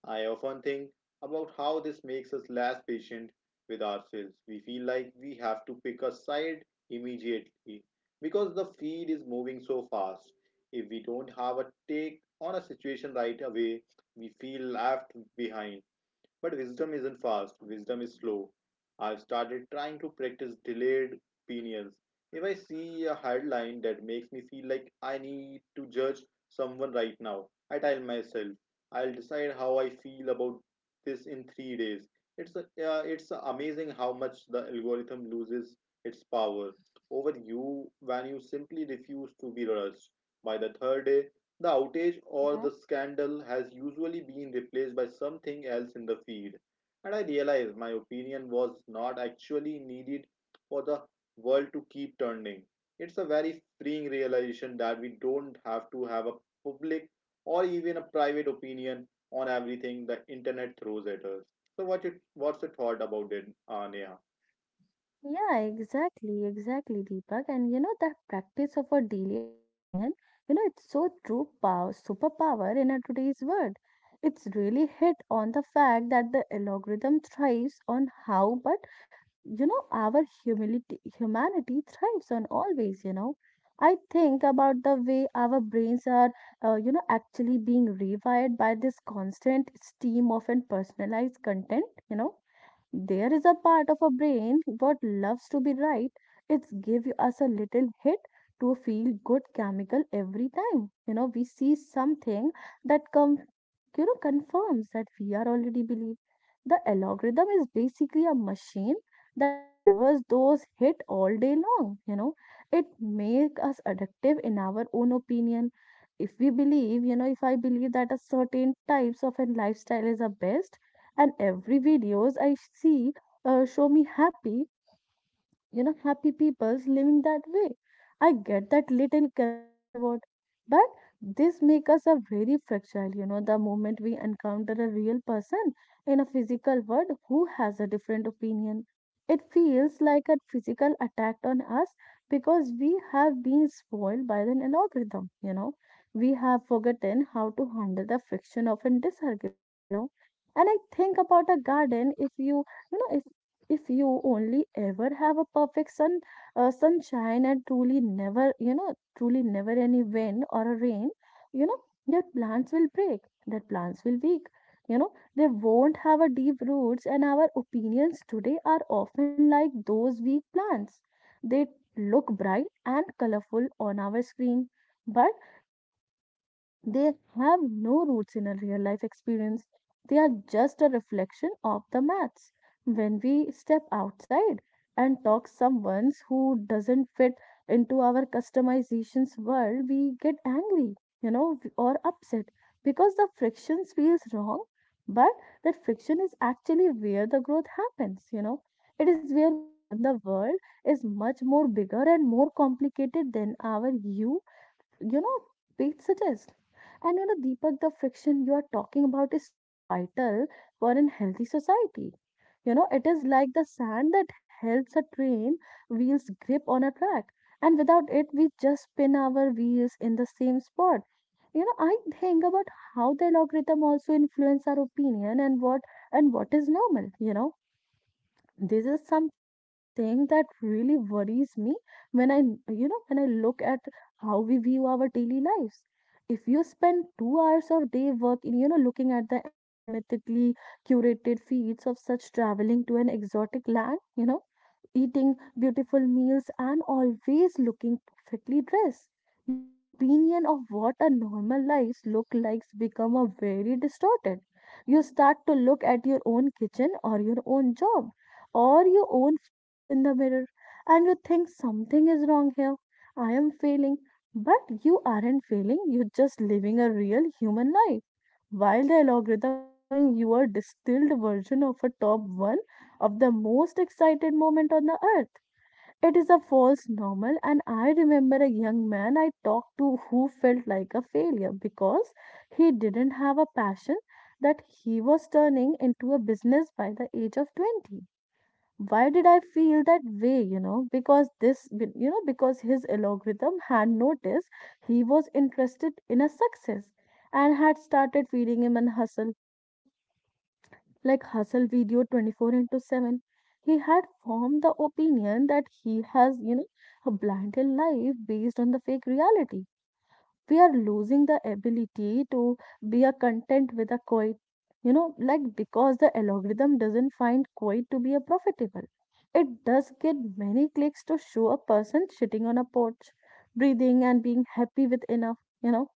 Speaker 2: I often think about how this makes us less patient with ourselves. We feel like we have to pick a side immediately because the feed is moving so fast. If we don't have a take on a situation right away, we feel left behind. But wisdom isn't fast, wisdom is slow. I've started trying to practice delayed opinions. If I see a headline that makes me feel like I need to judge someone right now, I tell myself, I'll decide how I feel about this in three days. It's, uh, it's amazing how much the algorithm loses its power over you when you simply refuse to be rushed. By the third day, the outage or the
Speaker 1: Mhm.
Speaker 2: scandal has usually been replaced by something else in the feed, and I realized my opinion was not actually needed for the world to keep turning. It's a very freeing realization that we don't have to have a public or even a private opinion on everything the internet throws at us. So, what it, what's your thought about it, uh, Neha?
Speaker 1: Yeah, exactly, exactly, Deepak. And you know, that practice of a delayed opinion, you know, it's so true power, superpower in a today's world. It's really hit on the fact that the algorithm thrives on how, but you know our humility humanity thrives on always, you know. I think about the way our brains are uh, you know actually being rewired by this constant stream of and personalized content, you know. There is a part of our brain what loves to be right. It's give us a little hit to feel good chemical every time. You know, we see something that com- you know confirms that we are already believe. The algorithm is basically a machine that delivers those hit all day long. You know, it make us addictive in our own opinion. If we believe, you know, if I believe that a certain types of a lifestyle is the best and every videos I see, uh, show me happy, you know, happy people's living that way, I get that little chemical reward. But this make us a very fragile, you know. The moment we encounter a real person in a physical world who has a different opinion, it feels like a physical attack on us, because we have been spoiled by an algorithm, you know. We have forgotten how to handle the friction of a disagreement, you know. And I think about a garden. if you you know if you only ever have a perfect sun uh, sunshine and truly never you know truly never any wind or a rain, you know, their plants will break their plants will weak, you know. They won't have a deep roots, and our opinions today are often like those weak plants. They look bright and colorful on our screen, but they have no roots in a real life experience. They are just a reflection of the maths. When we step outside and talk someone who doesn't fit into our customizations world, we get angry, you know, or upset because the friction feels wrong. But that friction is actually where the growth happens, you know. It is where we learn the world is much more bigger and more complicated than our you, you know, it suggests. And you know, Deepak, the friction you are talking about is so vital for a healthy society. You know, it is like the sand that helps a train wheels grip on a track. And without it, we just spin our wheels in the same spot. You know, I think about how the algorithm also influence our opinion and what and what is normal, you know. This is something that really worries me when I, you know, when I look at how we view our daily lives. If you spend two hours of day work in, you know, looking at the algorithmically curated feeds of such traveling to an exotic land, you know, eating beautiful meals, and always looking perfectly dressed. Your opinion of what a normal life looks like become a very distorted. You start to look at your own kitchen or your own job or your own face in the mirror, and you think something is wrong here. I am failing. But you aren't failing, you're just living a real human life while the algorithm is showing you a distilled version of a top one of the most excited moment on the earth. It is a false normal, and I remember a young man I talked to who felt like a failure because he didn't have a passion that he was turning into a business by the age of twenty. Why did I feel that way? You know, because this, you know, because his algorithm had noticed he was interested in a success and had started feeding him an hustle, you know, like hustle video twenty-four into seven. He had formed the opinion that he has, you know, a blinded life based on the fake reality. We are losing the ability to be a content with a quiet, you know, like because the algorithm doesn't find quiet to be a profitable. It does get many clicks to show a person sitting on a porch breathing and being happy with enough, you know.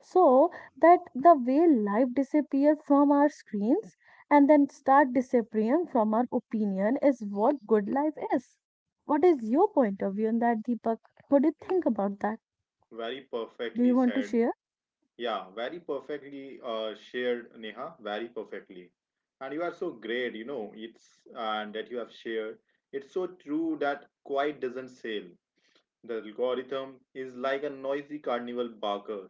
Speaker 1: So, that the way life disappear from our screens and then start disappearing from our opinion is what good life is. What is your point of view on that, Deepak? What do you
Speaker 2: Mm.
Speaker 1: think about that?
Speaker 2: Very
Speaker 1: Do
Speaker 2: perfectly
Speaker 1: you want to
Speaker 2: said.
Speaker 1: share?
Speaker 2: Yeah, very perfectly uh, shared, Neha, very perfectly. And you are so great, you know, it's and that you have shared. It's so true that quite doesn't sell. The algorithm is like a noisy carnival barker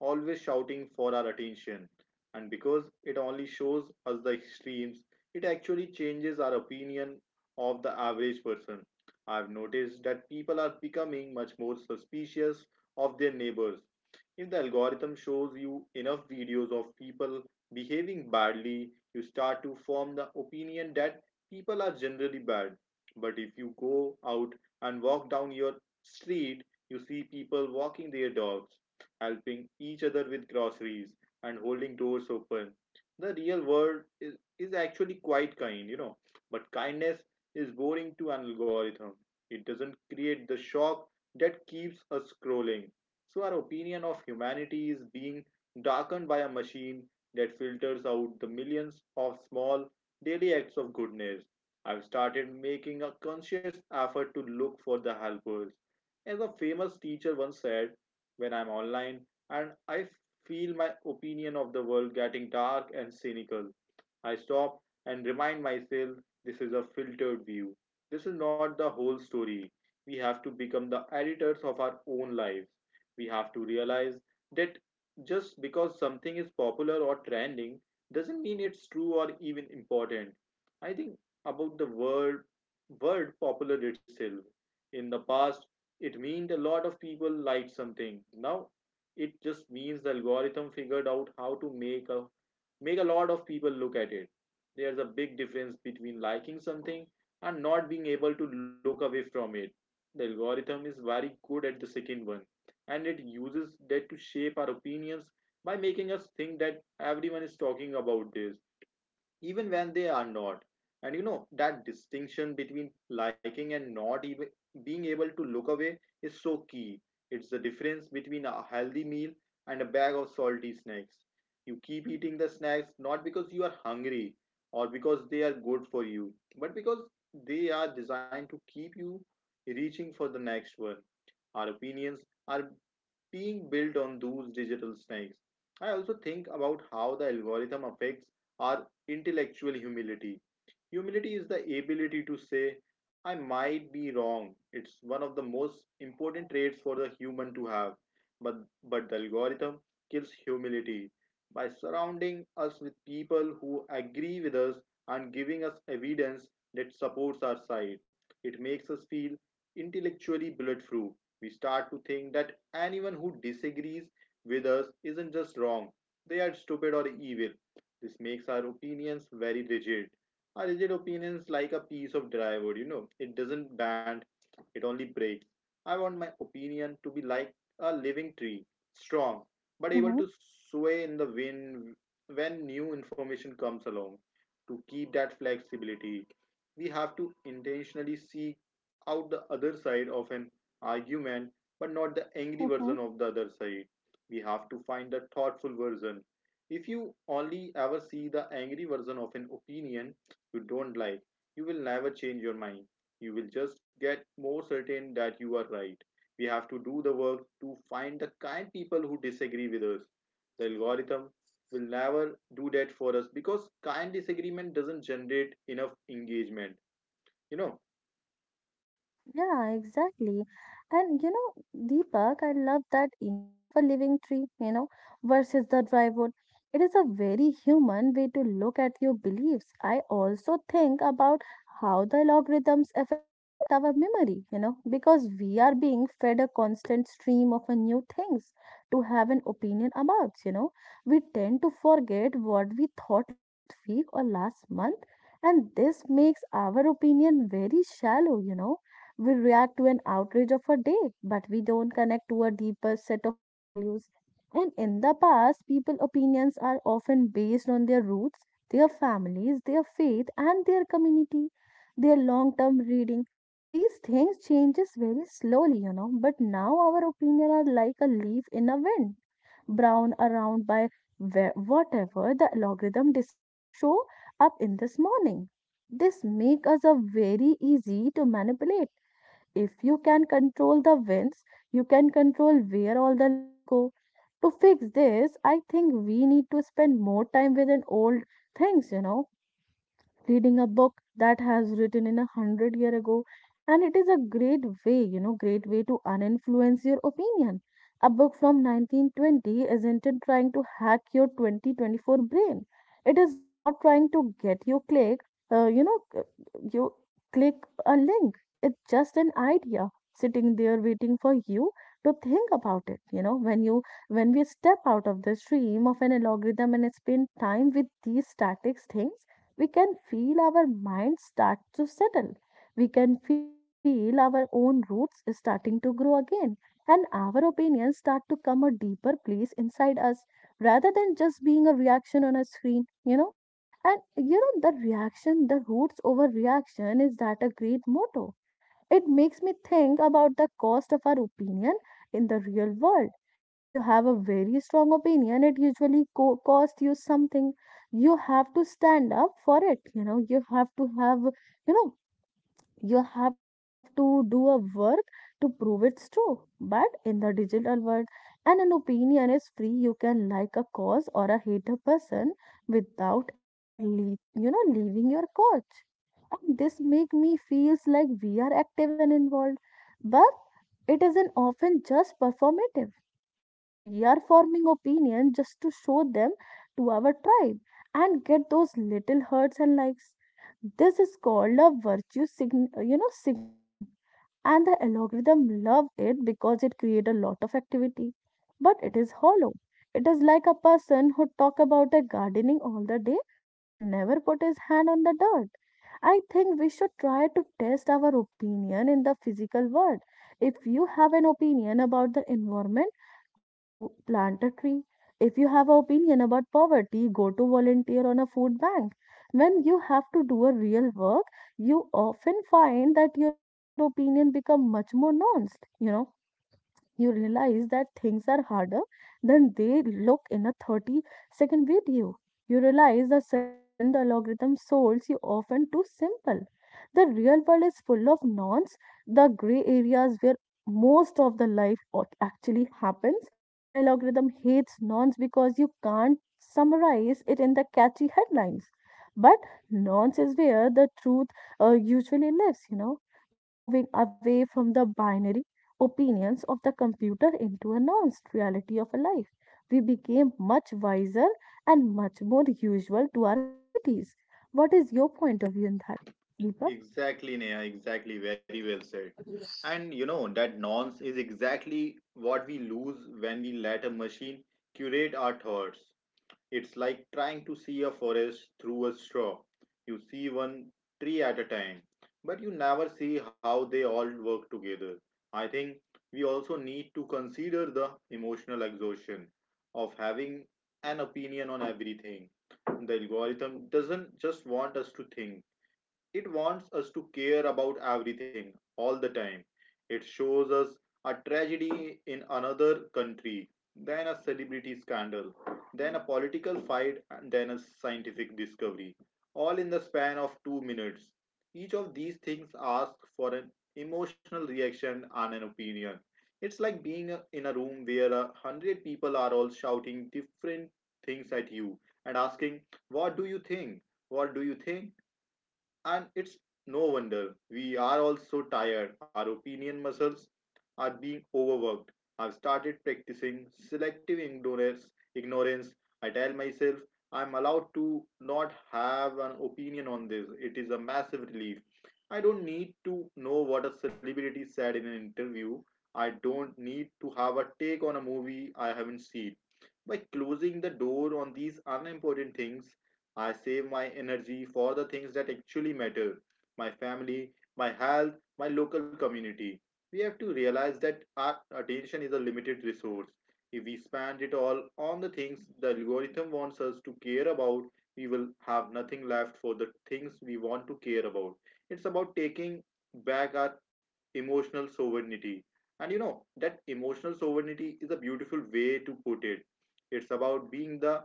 Speaker 2: always shouting for our attention. And because it only shows us the extremes, it actually changes our opinion of the average person. I've noticed that people are becoming much more suspicious of their neighbors. If the algorithm shows you enough videos of people behaving badly, you start to form the opinion that people are generally bad. But if you go out and walk down your street, you see people walking their dogs, helping each other with groceries, and holding doors open. The real world is, is actually quite kind, you know. But kindness is boring to an algorithm. It doesn't create the shock that keeps us scrolling. So, our opinion of humanity is being darkened by a machine that filters out the millions of small daily acts of goodness. I've started making a conscious effort to look for the helpers. As a famous teacher once said, when I'm online, and I feel my opinion of the world getting dark and cynical. I stop and remind myself this is a filtered view. This is not the whole story. We have to become the editors of our own lives. We have to realize that just because something is popular or trending doesn't mean it's true or even important. I think about the word word popular itself. In the past, it meant a lot of people liked something now it just means the algorithm figured out how to make a make a lot of people look at it. There's a big difference between liking something and not being able to look away from it. The algorithm is very good at the second one, and it uses that to shape our opinions by making us think that everyone is talking about this even when they are not. And you know, that distinction between liking and not even being able to look away is so key. It's the difference between a healthy meal and a bag of salty snacks. You keep eating the snacks not because you are hungry or because they are good for you, but because they are designed to keep you reaching for the next one. Our opinions are being built on those digital snakes. I also think about how the algorithm affects our intellectual humility. Humility is the ability to say, I might be wrong. It's one of the most important traits for the human to have. But, but the algorithm kills humility by surrounding us with people who agree with us and giving us evidence that supports our side. It makes us feel intellectually bulletproof. We start to think that anyone who disagrees with us isn't just wrong, they are stupid or evil. This makes our opinions very rigid. Our rigid opinions like a piece of dry wood, you know, it doesn't bend, it only breaks. I want my opinion to be like a living tree, strong, but able
Speaker 1: Mhm.
Speaker 2: to sway in the wind when new information comes along. To keep that flexibility, we have to intentionally seek out the other side of an argument but not the angry
Speaker 1: Uh
Speaker 2: version
Speaker 1: huh.
Speaker 2: of the other side. We have to find the thoughtful version. If you only ever see the angry version of an opinion you don't like, you will never change your mind. You will just get more certain that you are right. We have to do the work to find the kind people who disagree with us. The algorithm will never do that for us because kind disagreement doesn't generate enough engagement. You know,
Speaker 1: Yeah, exactly. And you know, Deepak, I love that image of a living tree, you know, versus the dry wood. It is a very human way to look at your beliefs. I also think about how the algorithms affect our memory, you know, because we are being fed a constant stream of uh, new things to have an opinion about, you know. We tend to forget what we thought last week or last month, and this makes our opinion very shallow, you know. We react to an outrage of a day, but we don't connect to a deeper set of values. And in the past, people opinions are often based on their roots, their families, their faith, and their community, their long-term reading. These things changes very slowly, you know, but now our opinion are like a leaf in a wind, brown around by where- whatever the algorithm decide to show up in this morning. This make us a very easy to manipulate. If you can control the winds, you can control where all the leaves go. To fix this, I think we need to spend more time with an old things, you know, reading a book that has written in a hundred year ago, and it is a great way, you know great way to uninfluence your opinion. A book from nineteen twenty isn't it trying to hack your twenty twenty-four brain. It is not trying to get you click, uh, you know uh, you click a link. It's just an idea sitting there waiting for you to think about it, you know. When you when we step out of the stream of an algorithm and spend time with these statics things, we can feel our mind start to settle. We can feel our own roots starting to grow again, and our opinions start to come a deeper place inside us rather than just being a reaction on a screen, you know. And, you know, the reaction, the roots over reaction is that a great motto. It makes me think about the cost of our opinion in the real world. If you have a very strong opinion, it usually co- costs you something, you have to stand up for it, you know you have to have, you know you have to do a work to prove it's true. But in the digital world, and an opinion is free, you can like a cause or a hate a person without ever leave, you know leaving your couch, and this make me feels like we are active and involved, but it isn't often just performative. You know, we are forming opinion just to show them to our tribe and get those little hurts and likes. This is called a virtue sign, you know, signaling. And the algorithm love it because it creates a lot of activity. But it is hollow. It is like a person who talk about a gardening all the day but never put his hand on the dirt. I think we should try to test our opinion in the physical world. If you have an opinion about the environment, go to plant a tree. If you have an opinion about poverty, go to volunteer on a food bank. When you have to do a real work, you often find that your opinion become much more nuanced, you know you realize that things are harder than they look in a thirty second video. You realize the solution the algorithm solves you often too simple. The real world is full of nonce, the gray areas where most of the life o- actually happens. The algorithm hates nonce because you can't summarize it in the catchy headlines. But nonce is where the truth uh, usually lives, you know by moving away from the binary opinions of the computer into a nuanced reality of a life. We became much wiser and much more usual to our communities. What is your point of view on that, Deepak?
Speaker 2: Exactly, Neha, exactly. Very well said. And you know, that nonce is exactly what we lose when we let a machine curate our thoughts. It's like trying to see a forest through a straw. You see one tree at a time, but you never see how they all work together. I think we also need to consider the emotional exhaustion of having an opinion on everything. The algorithm doesn't just want us to think, it wants us to care about everything all the time. It shows us a tragedy in another country, then a celebrity scandal, then a political fight, and then a scientific discovery, all in the span of two minutes. Each of these things asks for an emotional reaction and an opinion. It's like being in a room where a hundred people are all shouting different things at you and asking, what do you think? What do you think? And it's no wonder we are all so tired. Our opinion muscles are being overworked. I've started practicing selective ignorance. Ignorance. I tell myself I'm allowed to not have an opinion on this. It is a massive relief. I don't need to know what a celebrity said in an interview. I don't need to have a take on a movie I haven't seen. By closing the door on these unimportant things, I save my energy for the things that actually matter, my family, my health, my local community. We have to realize that our attention is a limited resource. If we spend it all on the things the algorithm wants us to care about, we will have nothing left for the things we want to care about. It's about taking back our emotional sovereignty. And you know, that emotional sovereignty is a beautiful way to put it. It's about being the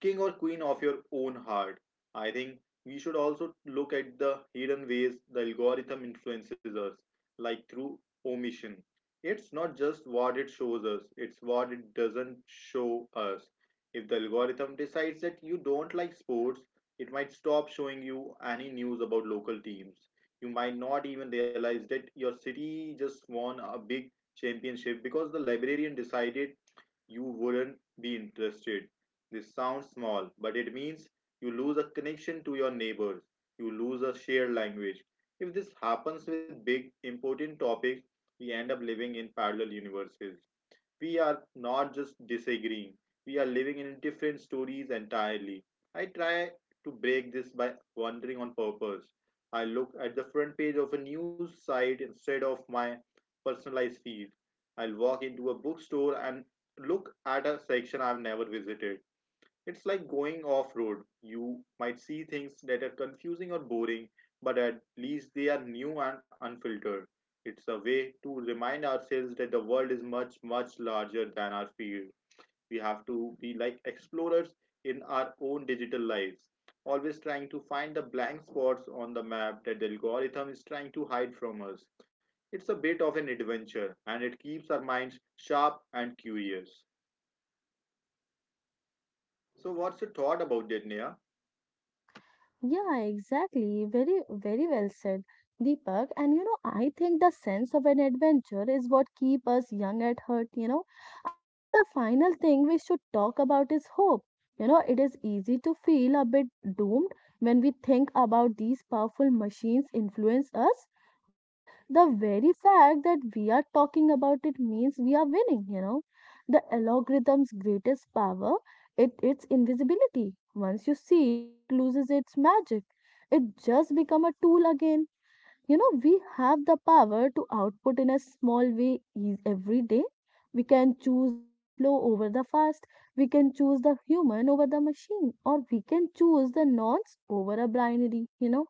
Speaker 2: king or queen of your own heart. I think we should also look at the hidden ways the algorithm influences us, like through omission. It's not just what it shows us, it's what it doesn't show us. If the algorithm decides that you don't like sports, it might stop showing you any news about local teams. You might not even realize that your city just won a big championship because the librarian decided you wouldn't be interested. This sounds small, but it means you lose a connection to your neighbors. You lose a shared language. If this happens with big, important topics, we end up living in parallel universes. We are not just disagreeing, we are living in different stories entirely. I try to break this by wandering on purpose. I look at the front page of a news site instead of my personalized feed. I'll walk into a bookstore and look at a section I've never visited. It's like going off road. You might see things that are confusing or boring, but at least they are new and unfiltered. It's a way to remind ourselves that the world is much, much larger than our field. We have to be like explorers in our own digital lives, always trying to find the blank spots on the map that the algorithm is trying to hide from us. It's a bit of an adventure and it keeps our minds sharp and curious. So, what's your thought about that, Neha?
Speaker 1: Yeah, exactly. Very, very well said, Deepak. And, you know, I think the sense of an adventure is what keep us young at heart, you know. I think the final thing we should talk about is hope. You know, it is easy to feel a bit doomed when we think about these powerful machines influence us, but the very fact that we are talking about it means we are winning, you know. The algorithm's greatest power, it, it's invisibility. Once you see it, it loses its magic. It just become a tool again. You know, we have the power to output in a small way is every day. We can choose the slow over the fast. We can choose the human over the machine, or we can choose the nonce over a binary. You know,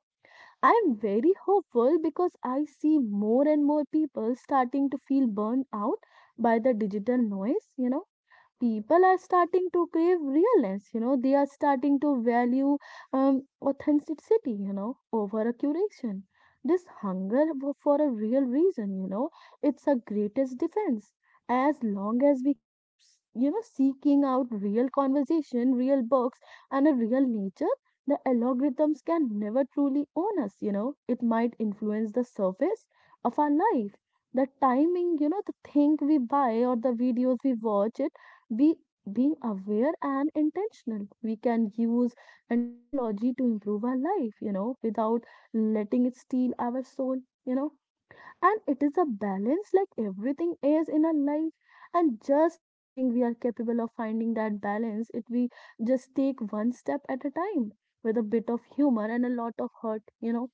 Speaker 1: I am very hopeful because I see more and more people starting to feel burned out by the digital noise. You know, people are starting to crave realness you know They are starting to value um, authenticity you know over a curation. This hunger w- for a real reason, you know it's a greatest defense as long as we keep s- you know seeking out real conversation, real books, and a real nature. The algorithms can never truly own us, you know it might influence the surface of our life, the timing, you know the thing we buy or the videos we watch it be, being aware and intentional we can use and technology to improve our life, you know without letting it steal our soul you know and it is a balance like everything is in our life, and just the thing we are capable of finding that balance if we just take one step at a time with a bit of humor and a lot of hurt you know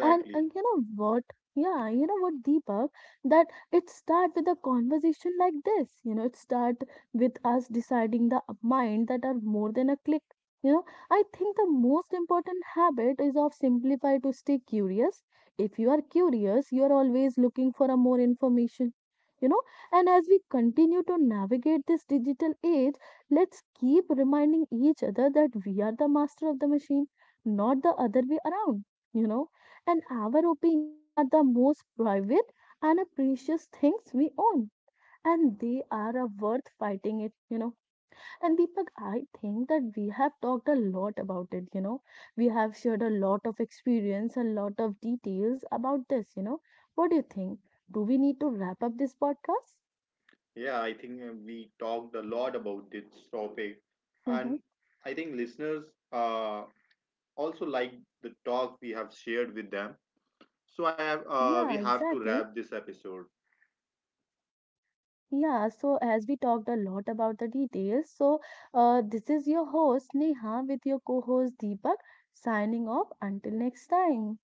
Speaker 1: And uh, you know what? Yeah, you know what, Deepak? That it start with a conversation like this. You know, it start with us deciding the mind that are more than a click. You know, I think the most important habit is of simplify to stay curious. If you are curious, you are always looking for a more information. You know, and as we continue to navigate this digital age, let's keep reminding each other that we are the master of the machine, not the other way around. You know and our opinion are the most private and precious things we own, and they are a worth fighting it you know And Deepak, I think that we have talked a lot about it you know We have shared a lot of experience, a lot of details about this you know What do you think? Do we need to wrap up this podcast?
Speaker 2: Yeah, I think uh, we talked a lot about this topic, and I think listeners uh, also like the talk we have shared with them. So I have
Speaker 1: Yeah,
Speaker 2: uh, we have
Speaker 1: exactly.
Speaker 2: to wrap this episode.
Speaker 1: Yeah, so as we talked a lot about the details, so uh, this is your host Neha with your co host Deepak signing off until next time.